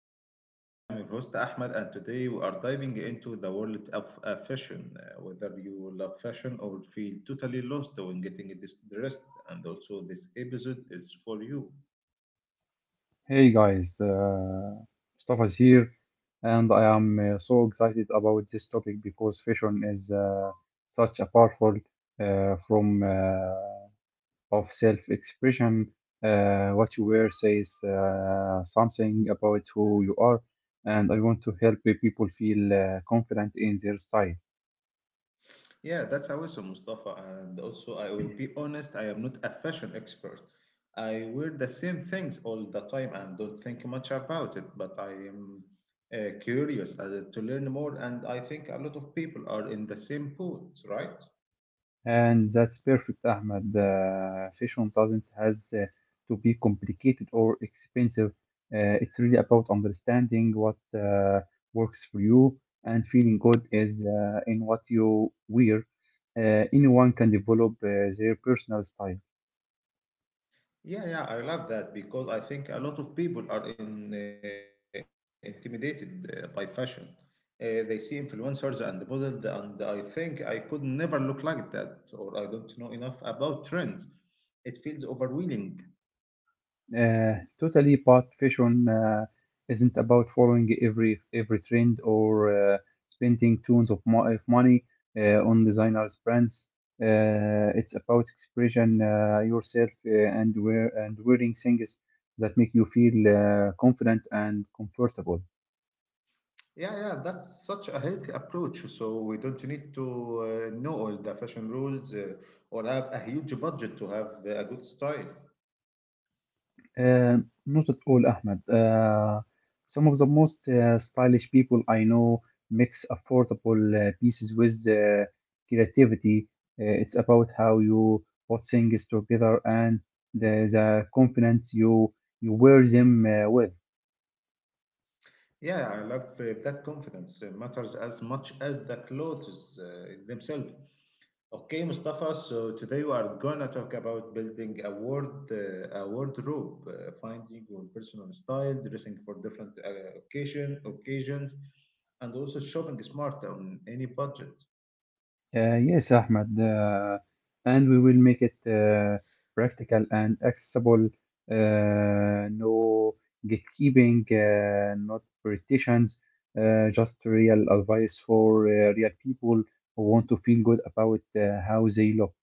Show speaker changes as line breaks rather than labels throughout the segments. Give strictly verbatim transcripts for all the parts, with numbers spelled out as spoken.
Speak Egypt. I am your host Ahmed, and today we are diving into the world of uh, fashion. Uh, whether you love fashion or feel totally lost when getting this dressed, and also this episode is for you.
Hey guys, uh, Mustafa is here, and I am uh, so excited about this topic because fashion is uh, such a powerful uh, form uh, of self-expression. Uh, what you wear says uh, something about who you are, and I want to help people feel uh, confident in their style.
Yeah, that's awesome, Mustafa. And also, I will be honest, I am not a fashion expert. I wear the same things all the time and don't think much about it, but I am uh, curious uh, to learn more, and I think a lot of people are in the same boat, right?
And that's perfect, Ahmed. The fashion doesn't has uh, to be complicated or expensive. Uh, it's really about understanding what uh, works for you and feeling good is uh, in what you wear. Uh, anyone can develop uh, their personal style.
Yeah, yeah, I love that because I think a lot of people are in, uh, intimidated uh, by fashion. Uh, they see influencers and models, and I think I could never look like that, or I don't know enough about trends. It feels overwhelming.
Uh, totally, but fashion uh, isn't about following every every trend or uh, spending tons of, mo- of money uh, on designers brands. Uh, it's about expression uh, yourself uh, and wear and wearing things that make you feel uh, confident and comfortable.
Yeah, yeah, that's such a healthy approach. So we don't need to uh, know all the fashion rules uh, or have a huge budget to have a good style.
Uh, not at all, Ahmed. Uh, some of the most uh, stylish people I know mix affordable uh, pieces with uh, creativity. Uh, it's about how you put things together and the, the confidence you you wear them uh, with.
Yeah, I love uh, that confidence uh, matters as much as the clothes uh, themselves. Okay, Mustafa. So today we are going to talk about building a ward, uh, a wardrobe, uh, finding your personal style, dressing for different uh, occasion, occasions, and also shopping smart on any budget.
Uh, yes, Ahmed, uh, and we will make it uh, practical and accessible. Uh, no gatekeeping, uh, not politicians, uh, just real advice for uh, real people who want to feel good about uh, how they look.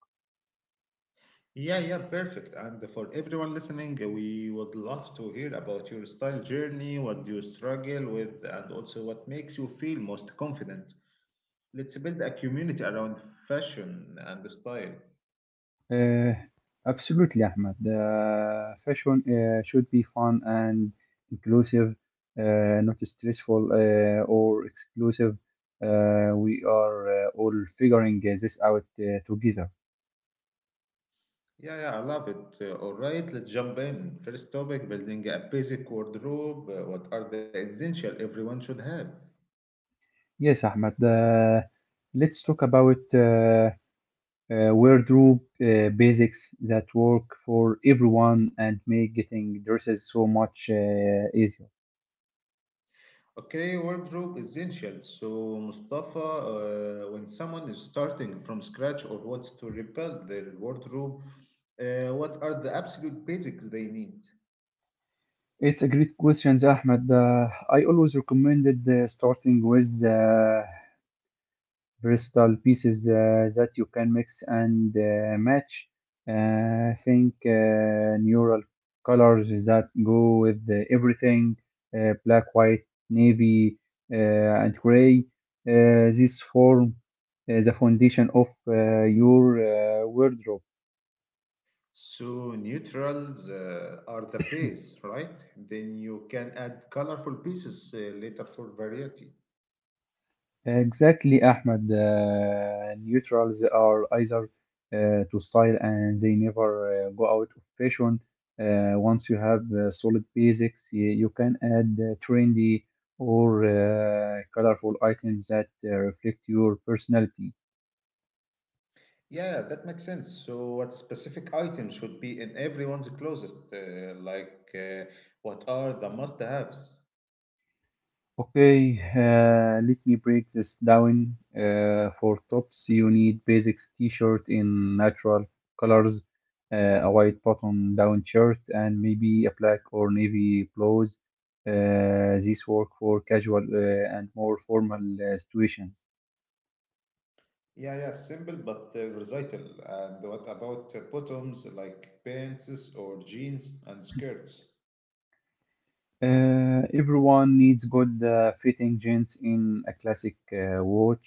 Yeah, yeah, perfect. And for everyone listening, uh, we would love to hear about your style journey, what you struggle with, and also what makes you feel most confident. Let's build a community around fashion and style.
Uh, absolutely, Ahmed. Uh, fashion uh, should be fun and inclusive, uh, not stressful uh, or exclusive. Uh, we are uh, all figuring uh, this out uh, together.
Yeah, yeah, I love it. Uh, all right, let's jump in. First topic, building a basic wardrobe. Uh, what are the essential everyone should have?
Yes, Ahmed. Uh, let's talk about uh, uh, wardrobe uh, basics that work for everyone and make getting dresses so much uh, easier.
Okay, wardrobe essential. So, Mustafa, uh, when someone is starting from scratch or wants to rebuild their wardrobe, uh, what are the absolute basics they need?
It's a great question, Ahmed. Uh, I always recommended uh, starting with uh, versatile pieces uh, that you can mix and uh, match. Uh, think uh, neural colors that go with uh, everything uh, black, white, navy, uh, and gray. Uh, this form uh, the foundation of uh, your uh, wardrobe.
So, neutrals uh, are the base, right? Then you can add colorful pieces uh, later for variety.
Exactly, Ahmed. Uh, neutrals are either uh, to style and they never uh, go out of fashion. Uh, once you have uh, solid basics, you, you can add uh, trendy or uh, colorful items that uh, reflect your personality.
Yeah, that makes sense. So, what specific item should be in everyone's closest? Uh, like, uh, what are the must-haves?
Okay, uh, let me break this down. Uh, for tops, you need basics t-shirt in natural colors, uh, a white button-down shirt, and maybe a black or navy blouse. Uh, these work for casual uh, and more formal uh, situations.
Yeah, yeah, simple but uh, versatile. And what about uh, bottoms like pants or jeans and skirts?
Uh, everyone needs good uh, fitting jeans in a classic uh, watch,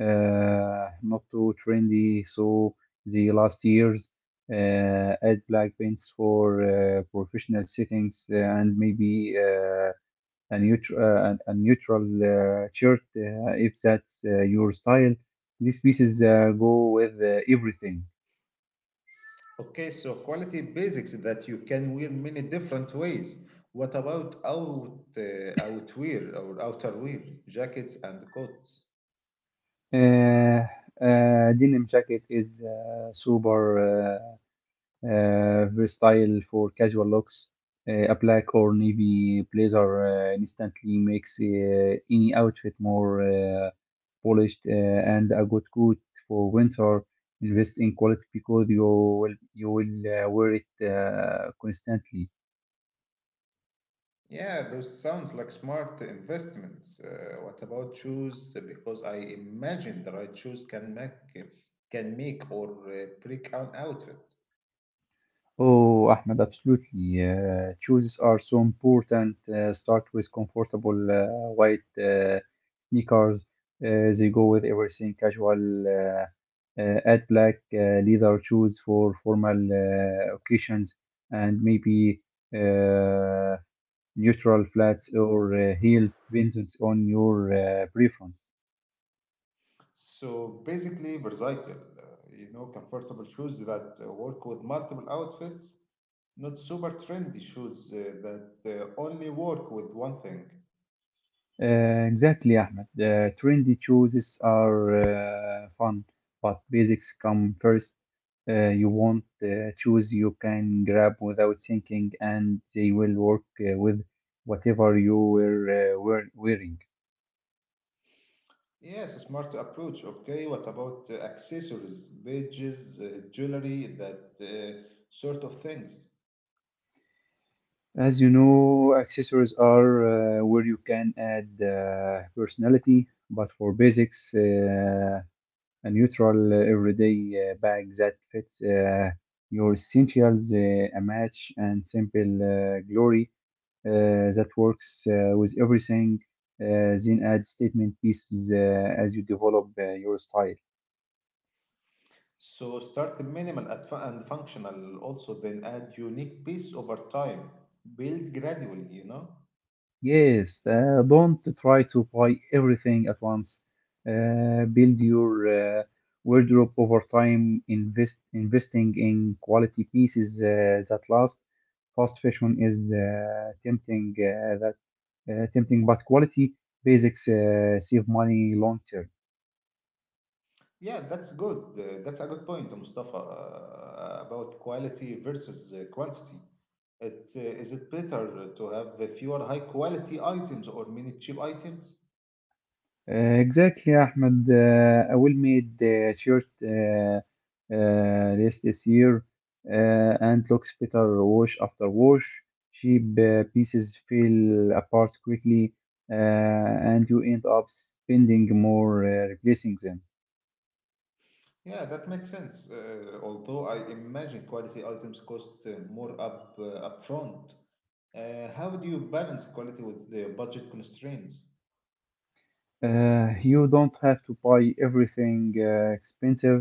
uh, not too trendy, so the last years. Uh, add black pants for uh, professional settings uh, and maybe uh, a neutral uh, a a neutral uh, shirt uh, if that's uh, your style. These pieces uh, go with uh, everything.
Okay, so quality basics that you can wear many different ways. What about out uh, outwear or outerwear, jackets and coats?
Uh, uh, Denim jacket is uh, super. Uh, uh, versatile for casual looks. Uh, a black or navy blazer uh, instantly makes uh, any outfit more uh, polished, uh, and a good coat for winter. Invest in quality because you will you will uh, wear it uh, constantly.
Yeah, those sounds like smart investments. Uh, what about shoes? Because I imagine the right shoes can make can make or uh, break an outfit.
Oh, Ahmed, absolutely. Uh, shoes are so important. Uh, start with comfortable uh, white uh, sneakers. Uh, they go with everything casual. Uh, uh, add black uh, leather shoes for formal uh, occasions and maybe uh, neutral flats or uh, heels, depends on your uh, preference.
So basically, versatile. Uh, you know, comfortable shoes that uh, work with multiple outfits, not super trendy shoes uh, that uh, only work with one thing.
Uh, exactly, Ahmed. Uh, trendy choices are uh, fun, but basics come first. Uh, you want uh, choose you can grab without thinking, and they will work uh, with whatever you were uh, wear- wearing.
Yes, a smart approach. Okay, what about uh, accessories, badges, uh, jewelry, that uh, sort of things?
As you know, accessories are uh, where you can add uh, personality, but for basics, uh, a neutral uh, everyday uh, bag that fits uh, your essentials, uh, a match and simple uh, glory uh, that works uh, with everything. Uh, then add statement pieces uh, as you develop uh, your style.
So start minimal at fu- and functional also, then add unique piece over time. Build gradually, you know?
Yes, uh, don't try to buy everything at once. Uh, build your uh, wardrobe over time, invest investing in quality pieces uh, that last fast fashion is uh, tempting uh, that uh, tempting but quality basics uh, save money long term.
Yeah, that's good. Uh, that's a good point, Mustafa, uh, about quality versus uh, quantity. It, uh, is it better to have uh, fewer high quality items or many cheap items?
Uh, exactly, Ahmed. Uh, a well-made uh, shirt uh, uh, list this year uh, and looks better wash after wash. Cheap uh, pieces fell apart quickly, uh, and you end up spending more uh, replacing them.
Yeah, that makes sense. Uh, although I imagine quality items cost uh, more up uh, upfront. Uh, how do you balance quality with the budget constraints?
Uh, you don't have to buy everything uh, expensive.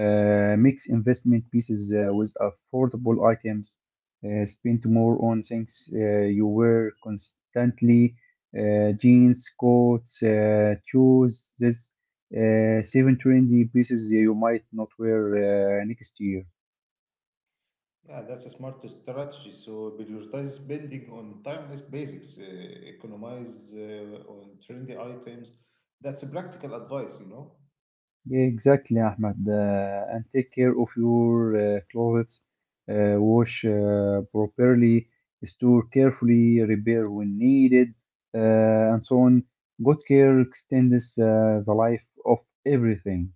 Uh, mix investment pieces uh, with affordable items. Uh, spend more on things uh, you wear constantly. Uh, jeans, coats, uh, shoes. This uh, seven trendy pieces you might not wear uh, next year.
Yeah, that's a smart strategy. So prioritize spending on timeless basics, uh, economize uh, on trendy items. That's a practical advice, you know.
Exactly, Ahmed. Uh, and take care of your uh, clothes. Uh, wash uh, properly, store carefully, repair when needed, uh, and so on. Good care extends uh, the life of everything.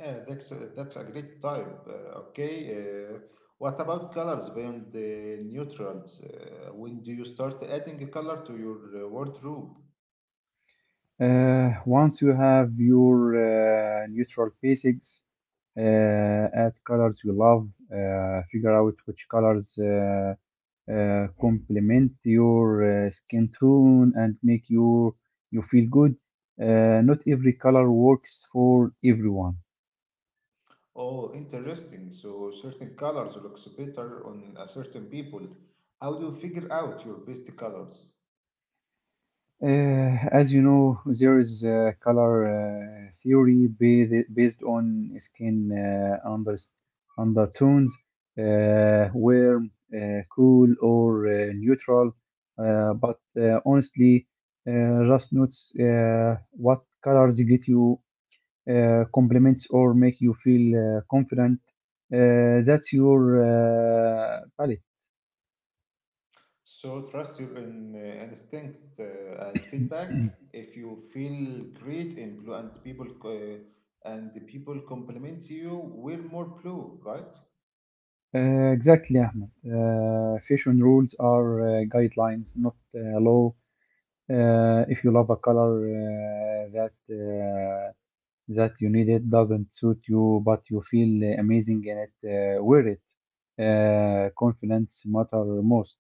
Yeah, that's a, that's a great type. Uh, okay, uh, what about colors beyond the neutrals? Uh, when do you start adding a color to your uh, wardrobe?
Uh, once you have your uh, neutral basics, uh, add colors you love, uh, figure out which colors. Uh, uh, complement your uh, skin tone and make you you feel good. Uh, not every color works for everyone.
Oh, interesting. So certain colors looks better on a certain people. How do you figure out your best colors?
Uh, as you know, there is uh, color uh, theory based, based on skin uh, under, undertones, uh, warm, uh, cool, or uh, neutral. Uh, but uh, honestly, uh, just notes uh, what colors get you uh, compliments or make you feel uh, confident. Uh, that's your uh, palette.
So trust your in, uh, instincts uh, and feedback. If you feel great in blue and the people uh, and the people compliment you, wear more blue, right?
Uh, exactly, Ahmed. Uh, fashion rules are uh, guidelines, not uh, law. Uh, if you love a color uh, that uh, that you need it doesn't suit you, but you feel uh, amazing in it, uh, wear it. Uh, confidence matter most.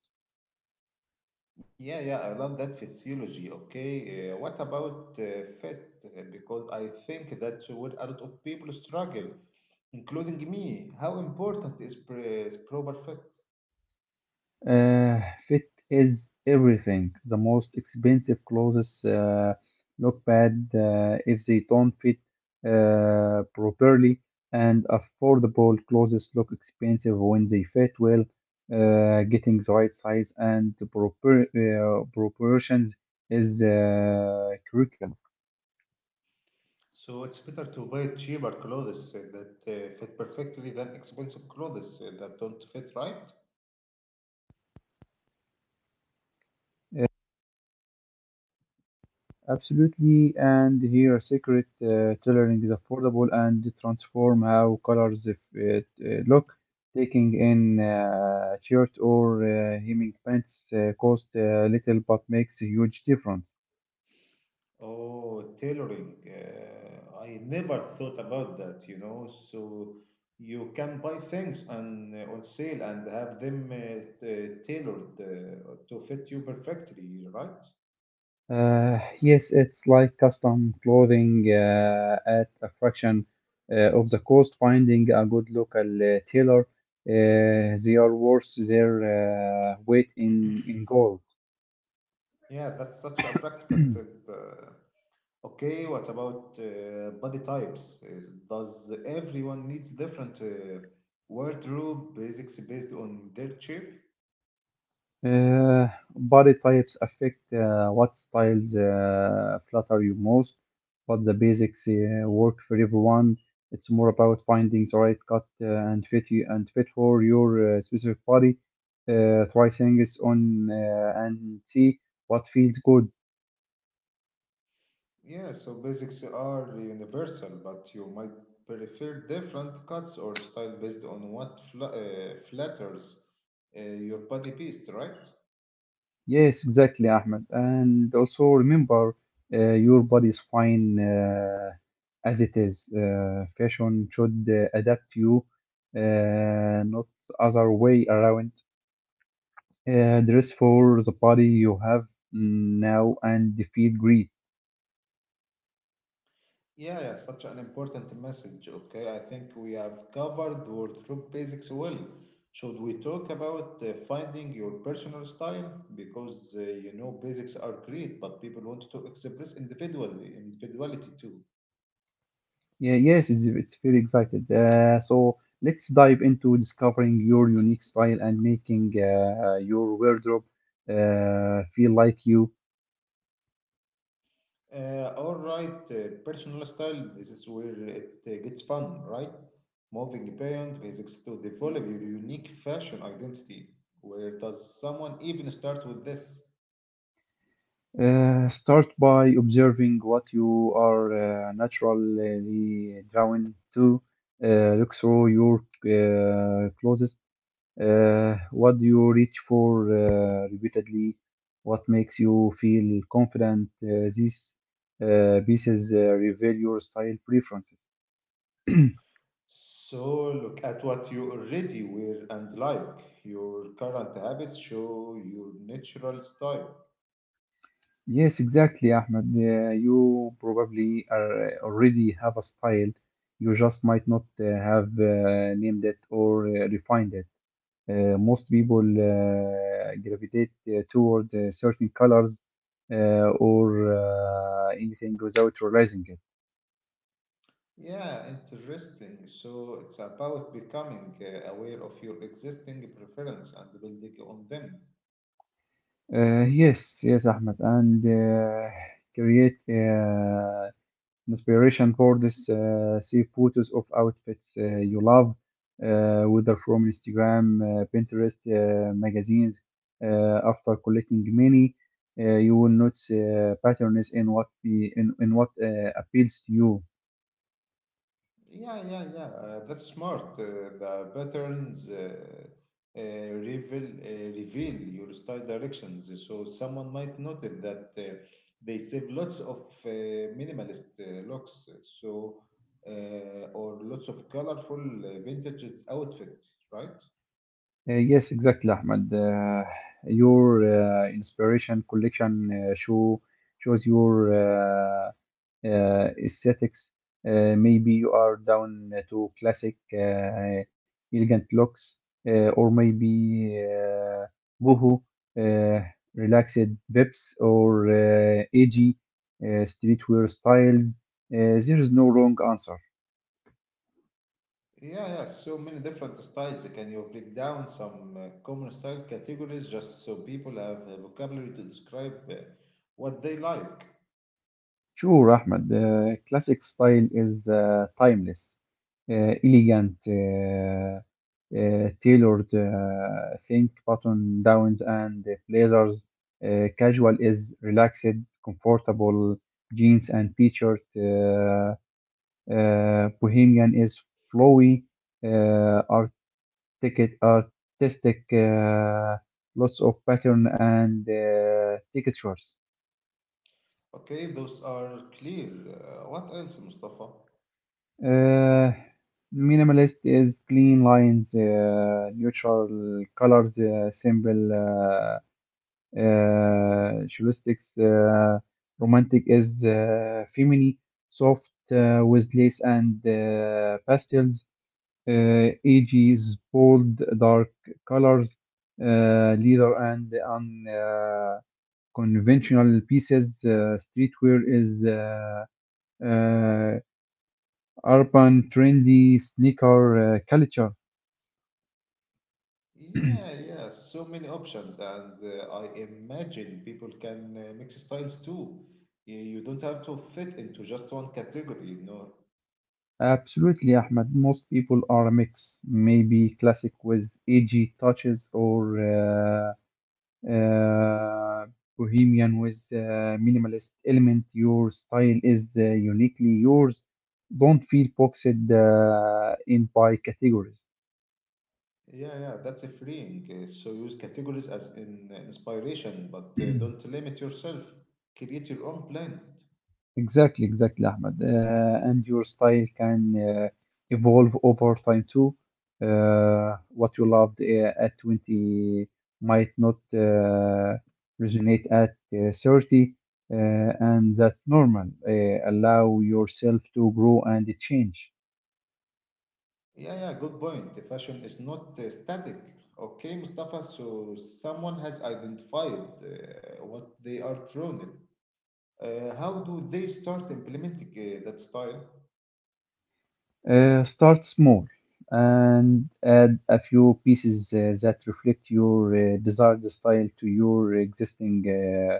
Yeah, yeah, I love that physiology. Okay, uh, what about uh, fit? Uh, Because I think that's where a lot of people struggle, including me. How important is, pre- is proper fit?
Uh, fit is everything. The most expensive clothes uh, look bad uh, if they don't fit uh, properly, and affordable clothes look expensive when they fit well. Uh, getting the right size and the proper uh, proportions is uh, critical.
So it's better to buy cheaper clothes uh, that uh, fit perfectly than expensive clothes uh, that don't fit right.
Absolutely, and here a secret uh, tailoring is affordable and transform how colors if it, uh, look. Taking in uh, shirt or uh, hemming pants uh, cost uh, little but makes a huge difference.
Oh, tailoring. Uh, I never thought about that, you know. So you can buy things and uh, on sale and have them uh, t- tailored uh, to fit you perfectly, right?
Uh, yes, it's like custom clothing uh, at a fraction uh, of the cost. Finding a good local uh, tailor, uh, they are worth their uh, weight in in gold.
Yeah, that's such a practical tip. Uh, okay, what about uh, body types? Uh, Does everyone needs different uh, wardrobe basics based on their shape?
Uh, body types affect uh, what styles uh, flatter you most, but the basics uh, work for everyone. It's more about finding the right cut uh, and fit you and fit for your uh, specific body. Uh, try things on uh, and see what feels good.
Yeah, so basics are universal, but you might prefer different cuts or style based on what fl uh, flatters uh, your body beast, right?
Yes, exactly, Ahmed. And also remember, uh, your body's fine uh, as it is. Uh, fashion should uh, adapt you, uh, not other way around. Uh, dress for the body you have mm, now and feel great.
Yeah, yeah, such an important message. Okay, I think we have covered wardrobe basics well. Should we talk about uh, finding your personal style? Because uh, you know basics are great, but people want to express individual individuality too.
Yeah, yes, it's, it's very excited. Uh, so let's dive into discovering your unique style and making uh, your wardrobe uh, feel like you.
Uh, all right, uh, personal style. This is where it uh, gets fun, right? Moving beyond basics to develop your unique fashion identity. Where does someone even start with this?
Uh, start by observing what you are uh, naturally drawn to. Uh, look through your uh, closest. Uh, what do you reach for uh, repeatedly? What makes you feel confident? Uh, these uh, pieces uh, reveal your style preferences.
So look at what you already wear and like. Your current habits show your natural style.
Yes, exactly, Ahmed. Uh, you probably are, uh, already have a style. You just might not uh, have uh, named it or uh, refined it. Uh, most people uh, gravitate uh, toward uh, certain colors uh, or uh, anything without realizing it.
Yeah, interesting. So it's about becoming uh, aware of your existing preference and building on them.
Uh, yes, yes, Ahmed, and uh, create uh, inspiration for this. Uh, see photos of outfits uh, you love, uh, whether from Instagram, uh, Pinterest, uh, magazines. Uh, after collecting many, uh, you will notice uh, patterns in what be, in, in what uh, appeals to you.
Yeah, yeah, yeah. Uh, that's smart. Uh, the patterns uh, uh, reveal uh, reveal your style directions. So someone might notice that uh, they save lots of uh, minimalist uh, looks. So uh, or lots of colorful uh, vintage outfit, right?
Uh, Yes, exactly, Ahmed. Uh, your uh, inspiration collection uh, show shows your uh, uh, aesthetics. Uh, maybe you are down to classic, uh, elegant looks, uh, or maybe uh, boho, uh, relaxed vibes, or uh, edgy uh, streetwear styles. Uh, there is no wrong answer.
Yeah, yeah. So many different styles. Can you break down some uh, common style categories just so people have a vocabulary to describe uh, what they like?
Sure, Ahmed. Uh, classic style is uh, timeless, uh, elegant, uh, uh, tailored. Uh, think button downs and blazers. Uh, casual is relaxed, comfortable jeans and t-shirt. Uh, uh, bohemian is flowy, uh, artic- artistic. Uh, lots of pattern and uh, textures.
Okay, those are clear. Uh, what else, Mustafa?
Uh, minimalist is clean lines, uh, neutral colors, uh, simple uh, uh, heuristics. Uh, romantic is uh, feminine, soft uh, with lace and uh, pastels. Uh, A G is bold, dark colors, uh, leather and unconventional uh, conventional pieces. Uh, streetwear is uh, uh, urban, trendy sneaker uh, culture.
Yeah, yeah, so many options, and uh, I imagine people can uh, mix styles too. You, you don't have to fit into just one category, you know.
Absolutely, Ahmed. Most people are a mix, maybe classic with edgy touches or uh, uh, bohemian with uh, minimalist element. Your style is uh, uniquely yours. Don't feel boxed uh, in by categories.
Yeah, yeah, that's a freeing. Uh, so use categories as in uh, inspiration, but uh, don't limit yourself. Create your own blend.
Exactly, exactly, Ahmed. Uh, and your style can uh, evolve over time too. Uh, what you loved uh, at twenty might not uh, resonate at uh, thirty, uh, and that's normal. Uh, allow yourself to grow and change.
Yeah, yeah, good point. The fashion is not uh, static. Okay, Mustafa, so someone has identified uh, what they are thrown at. Uh, how do they start implementing uh, that style?
Uh, start small and add a few pieces uh, that reflect your uh, desired style to your existing uh,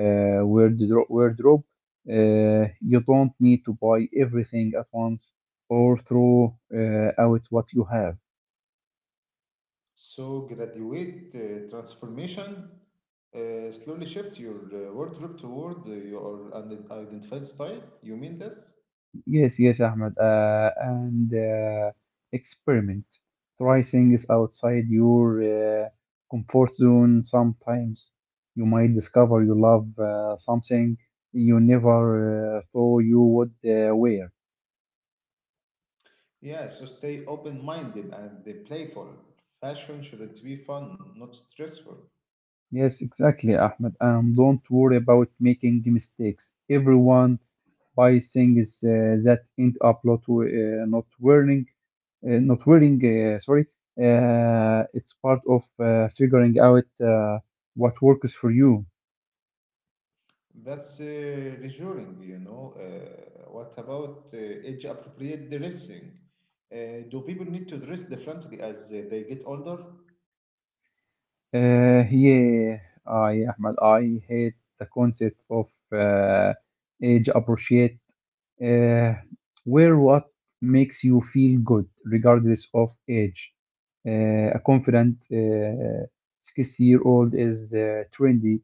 uh, wardro- wardrobe. Uh, you don't need to buy everything at once or throw uh, out what you have.
So graduate uh, transformation, uh, slowly shift your uh, wardrobe toward uh, your unid- identified style. You mean this?
Yes, yes, Ahmed. Uh, and uh, experiment. Try things outside your uh, comfort zone. Sometimes you might discover you love uh, something you never uh, thought you would uh, wear.
Yeah, so stay open minded and uh, playful. Fashion should be fun, not stressful.
Yes, exactly, Ahmed. And don't worry about making mistakes. Everyone by things uh, that end up not, w- uh, not wearing, uh, not wearing, uh, sorry. Uh, it's part of uh, figuring out uh, what works for you.
That's uh, reassuring, you know. Uh, what about uh, age appropriate dressing? Uh, do people need to dress differently as uh, they get older?
Uh, yeah, I, Ahmad, I hate the concept of uh, age appropriate, uh, where what makes you feel good regardless of age. Uh, a confident uh, sixty year old is uh, trendy,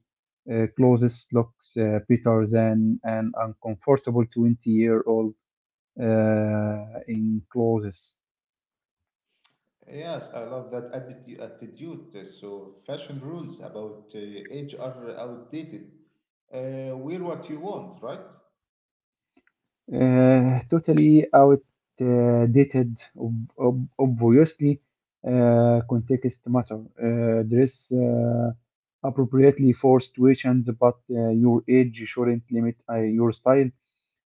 uh, clothes looks uh, better than an uncomfortable twenty year old uh, in clothes.
Yes, I love that atti- attitude. Uh, So, fashion rules about uh, age are outdated. Uh, wear what you want, right?
Uh, totally outdated, ob- ob- obviously, uh, context matter. Uh, dress uh, appropriately for situations, but uh, your age shouldn't limit uh, your style.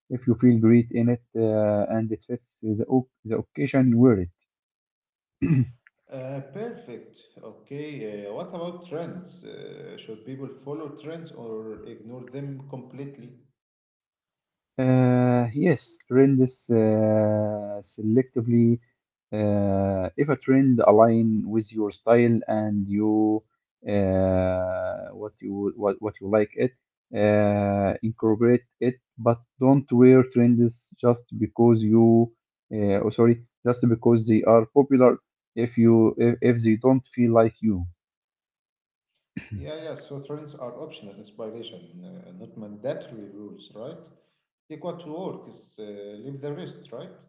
If you feel great in it uh, and it fits the, o- the occasion, wear it.
Uh, perfect. Okay. Uh, what about trends? Uh, should people follow trends or ignore them completely?
Uh, yes, trend is uh, selectively. Uh, if a trend align with your style and you uh, what you what, what you like it, uh, incorporate it. But don't wear trends just because you. Uh, oh, sorry, just because they are popular. If you if, if they don't feel like you.
Yeah, yeah. So, trends are optional inspiration, uh, not mandatory rules, right? Take what works, uh, leave the rest, right?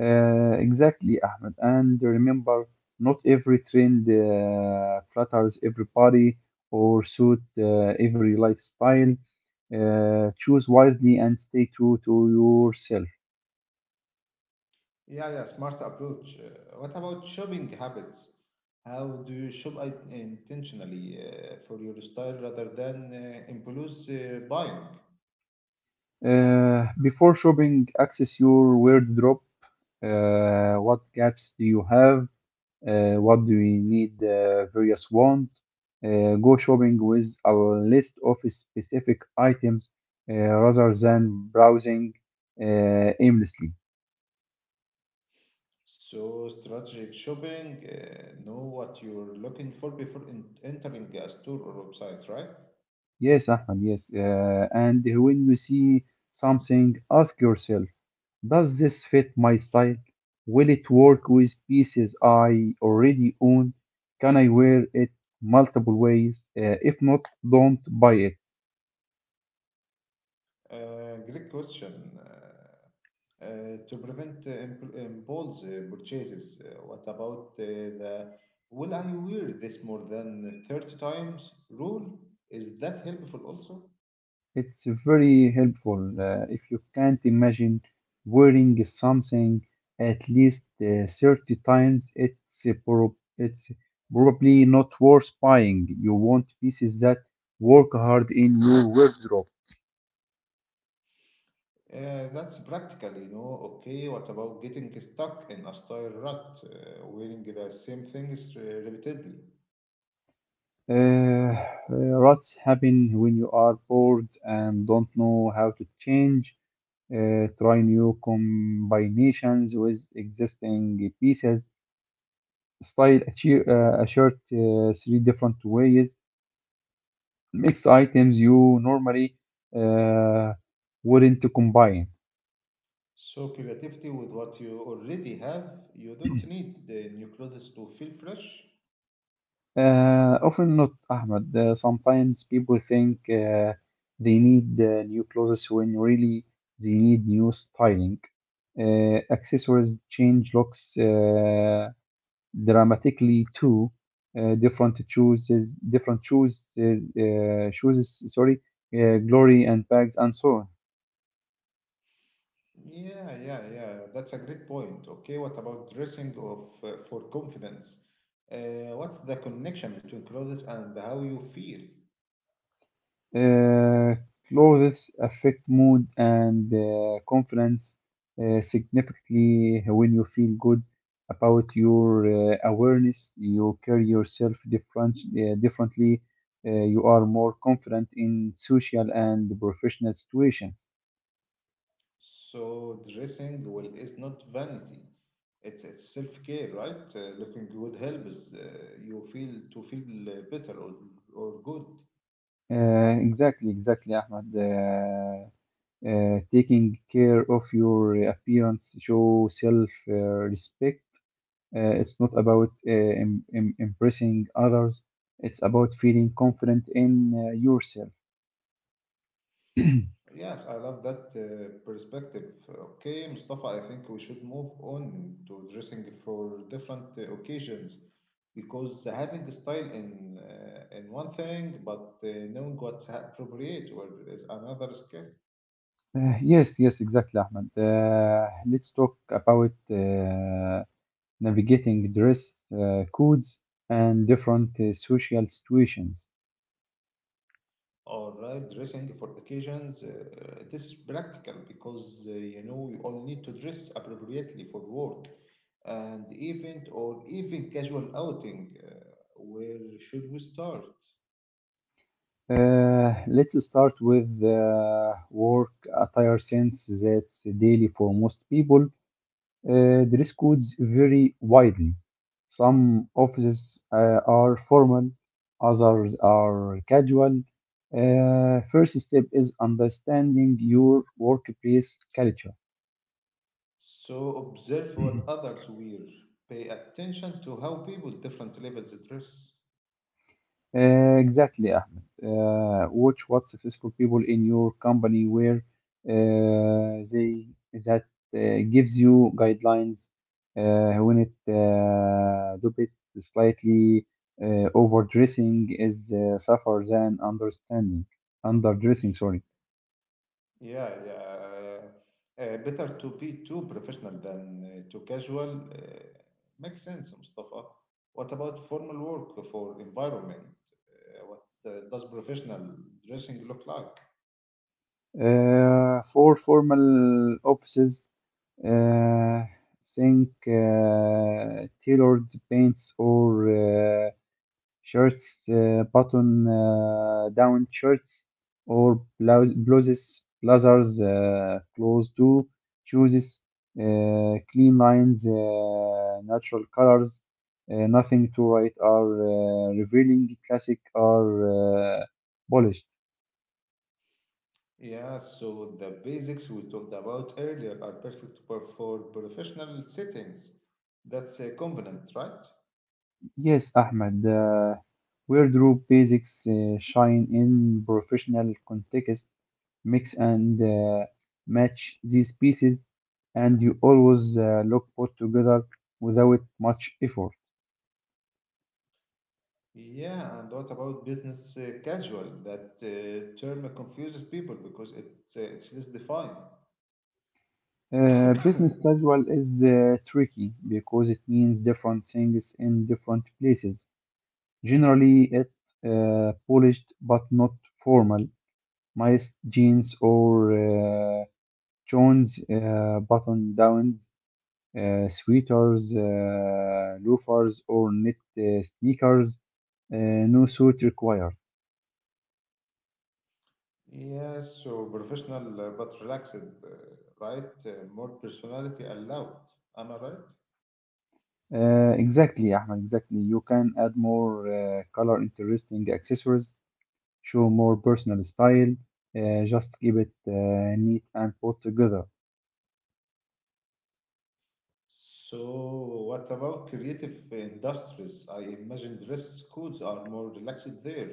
Uh, exactly, Ahmed. And remember, not every trend uh, flatters everybody or suit uh, every lifestyle. Uh, choose wisely and stay true to yourself.
Yeah, yeah, smart approach. Uh, what about shopping habits? How do you shop i- intentionally uh, for your style rather than uh, impulse uh, buying?
Uh, before shopping, access your wardrobe. Uh, what gaps do you have? Uh, what do we need, uh, various want. Uh, go shopping with a list of specific items uh, rather than browsing uh, aimlessly.
So, strategic shopping, uh, know what you're looking for before in- entering a store or website, right?
Yes, Ahmed, yes. Uh, and when you see something, ask yourself, does this fit my style? Will it work with pieces I already own? Can I wear it multiple ways? Uh, if not, don't buy it.
Uh, great question. Uh, uh, to prevent uh, imp- impulse uh, purchases, uh, what about uh, the will I wear this more than thirty times rule? Is that helpful also?
It's very helpful uh, if you can't imagine wearing something at least uh, thirty times. It's, uh, prob- it's probably not worth buying. You want pieces that work hard in your wardrobe.
Uh, that's practical, you know. Okay, what about getting stuck in a style rut, uh, wearing the same things uh, repeatedly?
Uh, uh, Rots happen when you are bored and don't know how to change. Uh, try new combinations with existing pieces. Style a, chi- uh, a shirt uh, three different ways mix items you normally uh, wouldn't combine.
So, creativity with what you already have, you don't need the new clothes to feel fresh.
Uh, often not, Ahmed. Uh, sometimes people think uh, they need uh, new clothes when really they need new styling. Uh, accessories change looks uh, dramatically too. Uh, different chooses, different shoes, uh, uh, shoes, sorry, uh, glory and bags and so on.
Yeah, yeah, yeah, that's a great point. Okay, what about dressing of uh, for confidence? Uh, what's the connection between clothes and how you feel?
Uh, Clothes affect mood and uh, confidence uh, significantly when you feel good about your uh, awareness you carry yourself different, uh, differently uh, you are more confident in social and professional situations.
So dressing well is not vanity. It's it's self-care, right? Uh, looking good helps uh, you feel to feel uh, better or or good.
uh, exactly, exactly, Ahmed. Uh, uh, taking care of your appearance show self uh, respect. Uh, it's not about uh, im- im- impressing others. It's about feeling confident in uh, yourself.
Yes, I love that uh, perspective. Okay, Mustafa, I think we should move on to dressing for different uh, occasions because having style in uh, in one thing, but uh, knowing what's appropriate or is another skill.
Uh, yes, yes, exactly, Ahmed. Uh, let's talk about uh, navigating dress uh, codes and different uh, social situations.
All right, dressing for occasions. Uh, this is practical because uh, you know we all need to dress appropriately for work and event or even casual outing. Uh, where should we start?
Uh, let's start with uh, work attire since that's daily for most people. Uh, dress codes vary widely. Some offices uh, are formal, others are casual. Uh, first step is understanding your workplace culture.
So observe what others wear. Pay attention to how people different levels dress.
Uh, exactly, Ahmed. Uh, watch what successful people in your company where uh, they that uh, gives you guidelines uh, when it uh, do it slightly uh, overdressing is uh, suffer than understanding underdressing. Sorry.
Yeah, yeah. Uh, uh, better to be too professional than uh, too casual. Uh, makes sense, Mustafa. What about formal work for environment? Uh, what uh, does professional dressing look like?
Uh, for formal offices, uh, think uh, tailored paints or uh, shirts, uh, button uh, down shirts, or blou- blouses, blazers, uh, close to shoes, uh, clean lines, uh, natural colors, uh, nothing to write or uh, revealing, classic or uh, polished.
Yeah, so the basics we talked about earlier are perfect for for professional settings. That's uh, convenient, right?
Yes, Ahmed. Uh, wardrobe basics uh, shine in professional contexts mix and uh, match these pieces, and you always uh, look put together without much effort.
Yeah, and what about business uh, casual? That uh, term confuses people because it's uh, it's less defined.
Uh, business casual is uh, tricky because it means different things in different places. Generally, it uh, polished but not formal, nice jeans or uh, tones, uh, button downs, uh, sweaters, uh, loafers, or knit uh, sneakers. Uh, no suit required.
Yes, so professional uh, but relaxed, uh, right? Uh, more personality allowed. Am I right?
Uh, exactly, Ahmed, exactly. You can add more uh, color interesting accessories, show more personal style, uh, just keep it uh, neat and put together.
So, what about creative industries? I imagine dress codes are more relaxed there.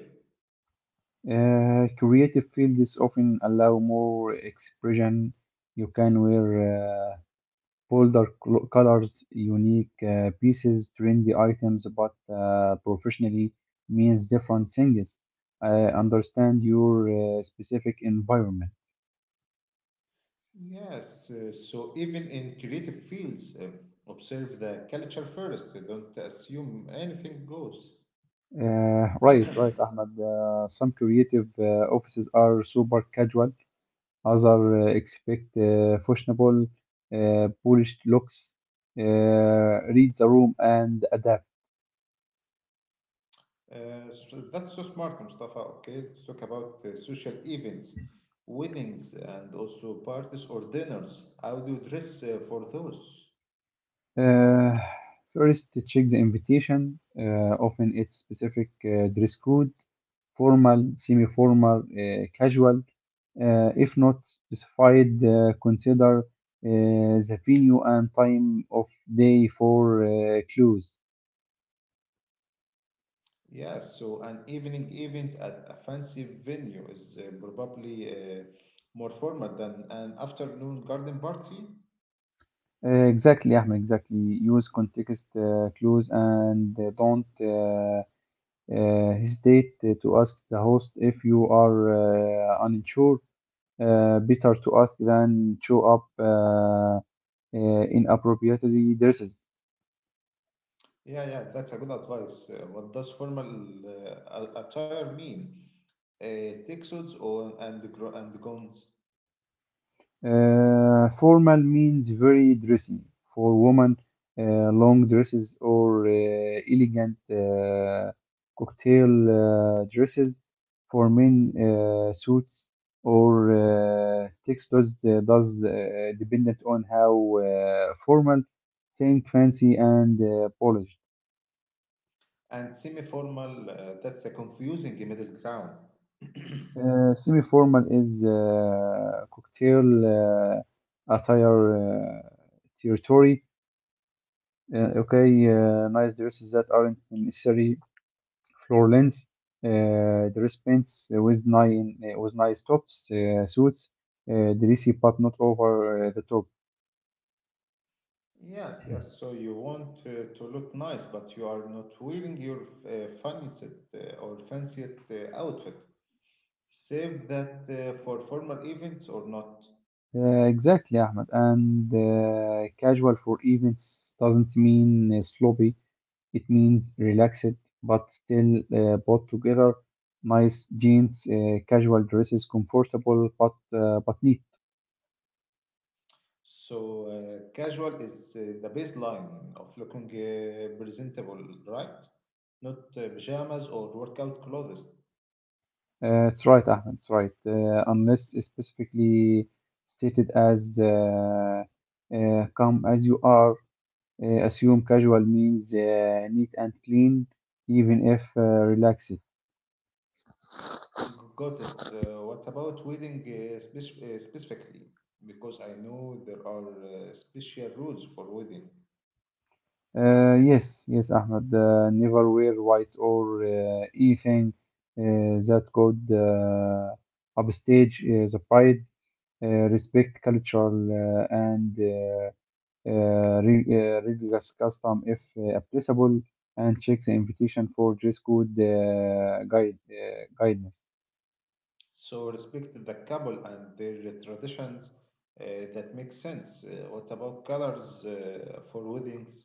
Uh, creative fields often allow more expression. You can wear uh, bolder clo- colors, unique uh, pieces, trendy items, but uh, professionally means different things. I understand your uh, specific environment.
Yes, uh, so even in creative fields, uh, observe the culture first. Don't assume anything goes.
Uh, right, right, Ahmed. Uh, some creative uh, offices are super casual. Others uh, expect uh, fashionable, uh, polished looks. Uh, Read the room and adapt.
Uh, so that's so smart, Mustafa. Okay, let's talk about uh, social events, weddings, and also parties or dinners. How do you dress uh, for those?
Uh, First, check the invitation. Uh, often it's specific uh, dress code, formal, semi-formal, uh, casual. Uh, if not specified, uh, consider uh, the venue and time of day for uh, clues.
Yeah, so an evening event at a fancy venue is uh, probably uh, more formal than an afternoon garden party.
Uh, Exactly, Ahmed, exactly. Use context uh, clues and uh, don't uh, uh, hesitate uh, to ask the host if you are uh, unsure. Uh, better to ask than show up uh, uh, inappropriately dresses.
Yeah, yeah, that's a good advice. Uh, what does formal uh, a- attire mean? Uh, tuxedos or and gr- and gowns
Uh, formal means very dressy. For women, uh, long dresses or uh, elegant uh, cocktail uh, dresses. For men uh, suits or uh, tuxedos uh, does uh, dependent on how uh, formal, think fancy and uh, polished.
and semi-formal. Uh, that's a confusing middle ground.
Uh, semi-formal is uh, cocktail uh, attire uh, territory. Uh, okay, uh, nice dresses that aren't necessarily floor lengths. Uh, dress pants with nine uh, with nice tops, uh, suits, uh, dressy but not over uh, the top.
Yes, yes. So you want to, to look nice, but you are not wearing your uh, fancy uh, or fancy uh, outfit. Save that uh, for formal events or not.
Uh, exactly, Ahmed. And uh, casual for events doesn't mean uh, sloppy. It means relaxed, but still uh, bought together. Nice jeans, uh, casual dresses, comfortable but uh, but neat.
So uh, casual is uh, the baseline of looking uh, presentable, right? Not uh, pajamas or workout clothes.
Uh, it's right, Ahmed. It's right. Uh, unless specifically stated as uh, uh, "come as you are." Uh, assume casual means uh, neat and clean, even if uh, relaxed.
G- Got it. Uh, what about wedding uh, spec- uh, specifically? Because I know there are uh, special rules for wedding.
Uh, yes, yes, Ahmed. Uh, never wear white or uh, anything uh, that could uh, upstage uh, the pride. Uh, respect cultural uh, and uh, uh, re- uh, religious custom if uh, applicable, and check the invitation for dress code uh, guide uh, guidance.
So respect the couple and their traditions uh, that makes sense. Uh, what about colors uh, for weddings?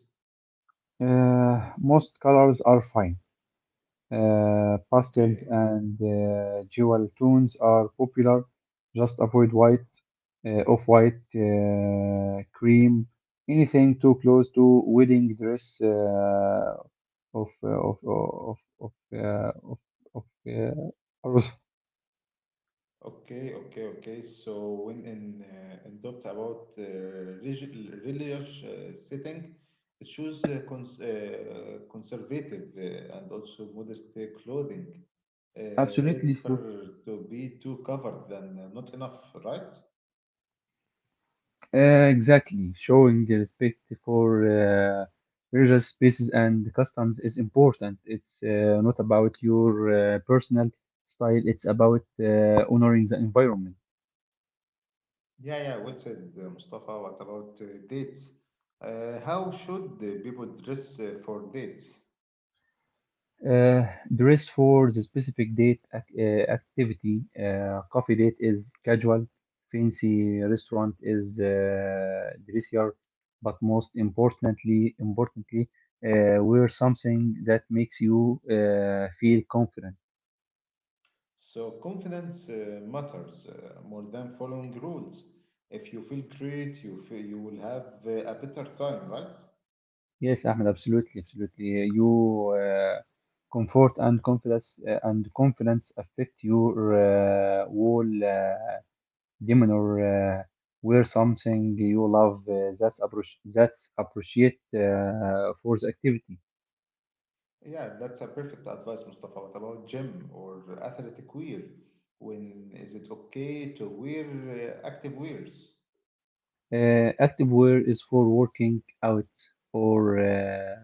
Uh, most colors are fine. Uh, pastels
Okay,
and uh, jewel tones are popular. Just avoid white, uh, off-white, uh, cream, anything too close to wedding dress uh, of, of, of, of, of, uh, of, of uh, arroz.
okay, okay, okay. So when in uh, in doubt about uh, relig- religious uh, setting, choose uh, cons- uh, conservative uh, and also modest uh, clothing. Uh,
Absolutely.
better to be too covered than uh, not enough, right?
Uh, exactly. Showing the respect for uh, religious spaces and customs is important. It's uh, not about your uh, personal style, it's about uh, honoring the environment.
Yeah, yeah, well said, uh, Mustafa. What about uh, dates? Uh, how should the people dress uh, for dates?
Uh, Dress for the specific date ac- uh, activity. Uh, coffee date is casual, fancy restaurant is uh, dressier, but most importantly, importantly, uh, wear something that makes you uh, feel confident.
So, confidence uh, matters uh, more than following rules. If you feel great, you feel you will have uh, a better time, right?
Yes, Ahmed, absolutely, absolutely. You uh, Comfort and confidence uh, and confidence affect your uh, whole uh, demeanor. Uh, wear something you love uh, that's approach that's appreciate uh, for the activity.
Yeah, that's a perfect advice, Mustafa. What about gym or athletic wear? When is it okay to wear uh, active wears?
Uh, active wear is for working out or. Uh,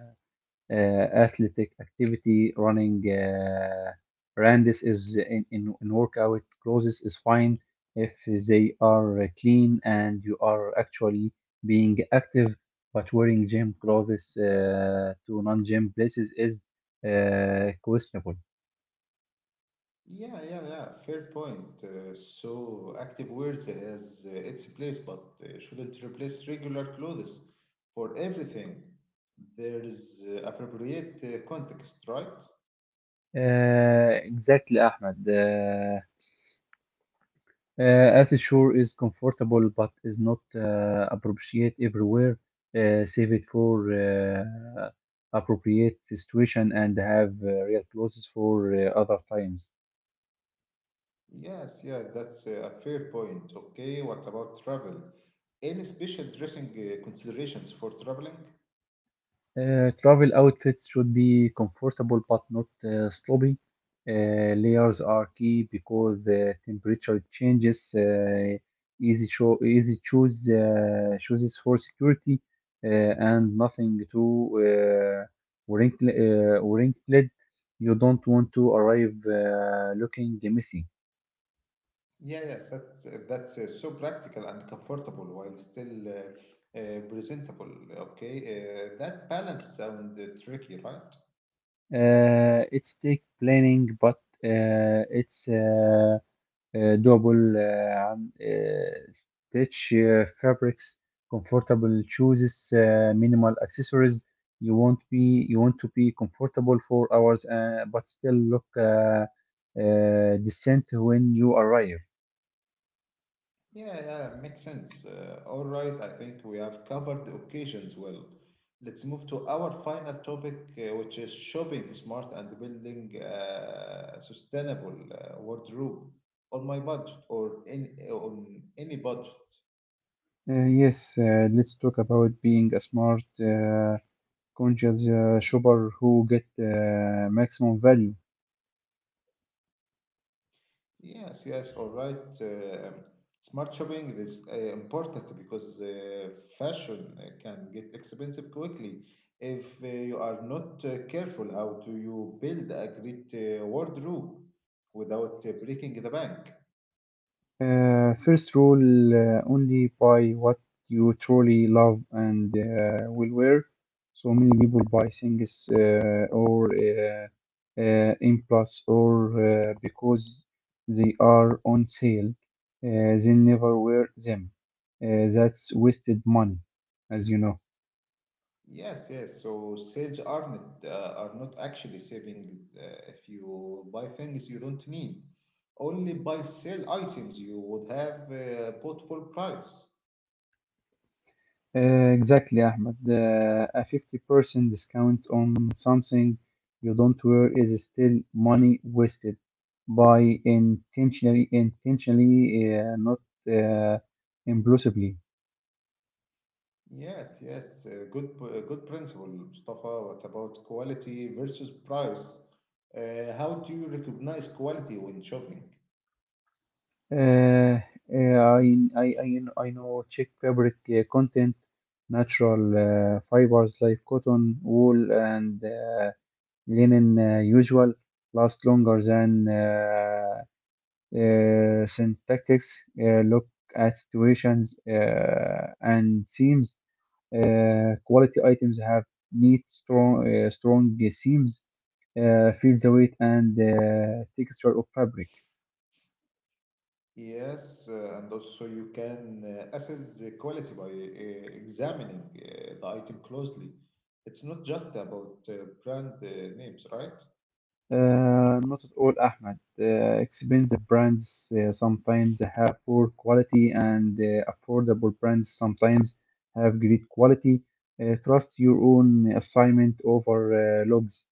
uh, Athletic activity, running. Uh, Randis is in, in, in workout clothes is fine if they are clean and you are actually being active. But wearing gym clothes uh, to non-gym places is uh, questionable.
Yeah, yeah, yeah. Fair point. Uh, so active wears has uh, its place, but uh, shouldn't replace regular clothes for everything. There is uh, appropriate uh, context, right?
Uh, exactly, Ahmed. Uh, Uh, Earth Shore is comfortable but is not uh, appropriate everywhere. Uh, save it for uh, appropriate situation and have uh, real clothes for uh, other times.
Yes, yeah, that's uh, a fair point. Okay, what about travel? Any special dressing uh, considerations for traveling?
Uh, travel outfits should be comfortable but not uh, sloppy. Uh, layers are key because the temperature changes. Uh, easy cho- easy choose uh, chooses for security uh, and nothing too uh, wrinkled. Uh, wrinkled. You don't want to arrive uh, looking messy.
Yeah, yes, that's uh, that's uh, so practical and comfortable while still uh, uh, presentable. Okay, uh, that balance sounds uh, tricky, right?
Uh, it's take planning, but uh, it's uh, uh, doable uh, and uh, stitch uh, fabrics, comfortable shoes, uh, minimal accessories. You want be you want to be comfortable for hours, uh, but still look uh, uh, decent when you arrive.
Yeah, yeah, makes sense. Uh, all right, I think we have covered the occasions well. Let's move to our final topic, uh, which is shopping smart and building uh, sustainable uh, wardrobe on my budget or in on any budget.
Uh, yes, uh, let's talk about being a smart, uh, conscious uh, shopper who get uh, maximum value.
Yes, yes, all right. Um smart shopping is uh, important because uh, fashion uh, can get expensive quickly if uh, you are not uh, careful. How do you build a great uh, wardrobe without uh, breaking the bank?
Uh, first rule: uh, only buy what you truly love and will wear. So many people buy things uh, or uh, uh, in or uh, because they are on sale. Uh, they never wear them. Uh, that's wasted money, as you know.
Yes, yes. So sales are not uh, are not actually savings uh, if you buy things you don't need. Only buy sell items you would have uh, bought full price.
Uh, exactly, Ahmed. Uh, a fifty percent discount on something you don't wear is still money wasted by intentionally, intentionally, uh, not uh, impulsively.
Yes, yes, uh, good, p- uh, good principle, Mustafa. What about quality versus price? Uh, how do you recognize quality when shopping?
Uh, uh, I, I, I, I know check fabric uh, content, natural uh, fibers like cotton, wool, and uh, linen uh, usual last longer than uh, uh, synthetics. Uh, look at situations uh, and seams. Uh, quality items have neat, strong, uh, strong seams. Uh, feel the weight and uh, texture of fabric.
Yes, uh, and also so you can uh, assess the quality by uh, examining uh, the item closely. It's not just about uh, brand uh, names, right?
Uh, not at all, Ahmed. Uh, expensive brands uh, sometimes have poor quality, and uh, affordable brands sometimes have great quality. Uh, trust your own assignment over uh, logs.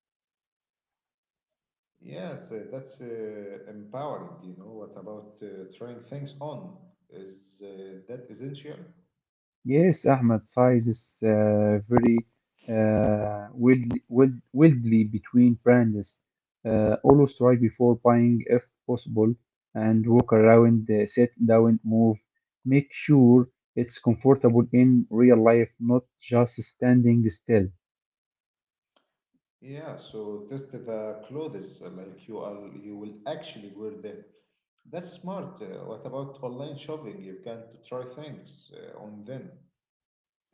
Yes, uh, that's uh, empowering. You know, what about uh, trying things on? Is uh, that essential?
Yes, Ahmed, size is uh, very widely between brands. Uh, Always try before buying if possible and walk around the sit down move. Make sure it's comfortable in real life, not just standing still.
Yeah, so test the clothes uh, like you are you will actually wear them. That's smart. Uh, what about online shopping? You can try things uh, on them.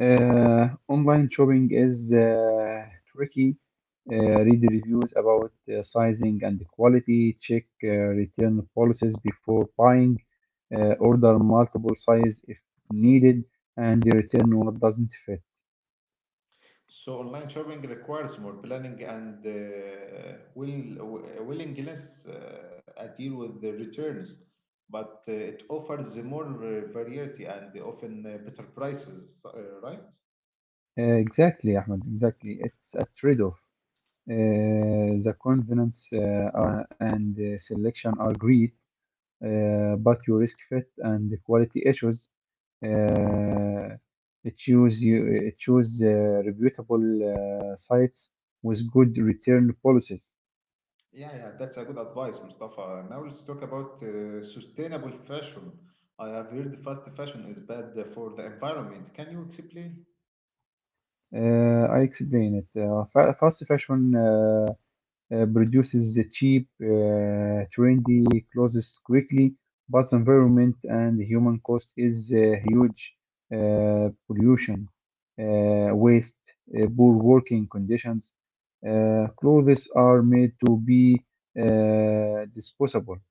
Uh, online shopping is uh, tricky. Uh, Read reviews about uh, sizing and quality. Check uh, return policies before buying. Uh, order multiple size if needed, and return what doesn't fit.
So online shopping requires more planning and uh, will w- willingness uh, a deal with the returns, but uh, it offers more uh, variety and often uh, better prices, uh, right?
Uh, exactly, Ahmed. Exactly, it's a trade-off. Uh, the convenience uh, uh, and uh, selection are great, uh, but you risk fit and quality issues. uh, choose you uh, Choose uh, reputable uh, sites with good return policies.
Yeah, yeah, that's a good advice, Mustafa. Now let's talk about uh, sustainable fashion. I have heard fast fashion is bad for the environment. Can you explain?
Uh, I explain it. Uh, fa- fast fashion uh, uh, produces the cheap, uh, trendy clothes quickly, but environment and human cost is uh, huge. Uh, pollution, uh, waste, uh, poor working conditions. Uh, clothes are made to be uh, disposable.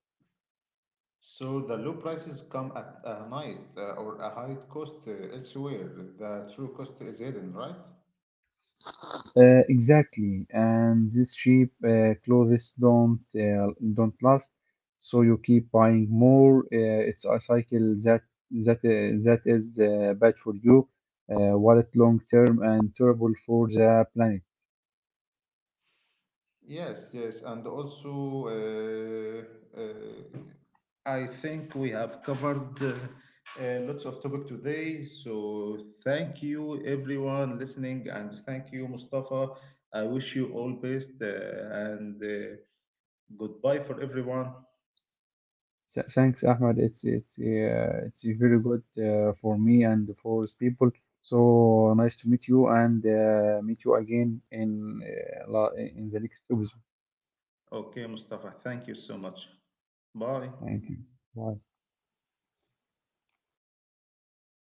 So the low prices come at a night uh, or a high cost uh, elsewhere. The true cost is hidden, right?
Uh, exactly, and these cheap uh, clothes don't uh, don't last, so you keep buying more. Uh, it's a cycle that that uh, that is uh, bad for you, uh, wallet long term, and terrible for the planet.
Yes, yes, and also uh, uh, I think we have covered uh, uh, lots of topic today. So thank you everyone listening, and thank you Mustafa. I wish you all best, uh, and uh, goodbye for everyone.
Th- Thanks, Ahmed. It's it's uh, it's very good uh, for me and for people. So nice to meet you and uh, meet you again in uh, la- in the next episode.
Okay, Mustafa, thank you so much. Bye.
Thank you. Bye.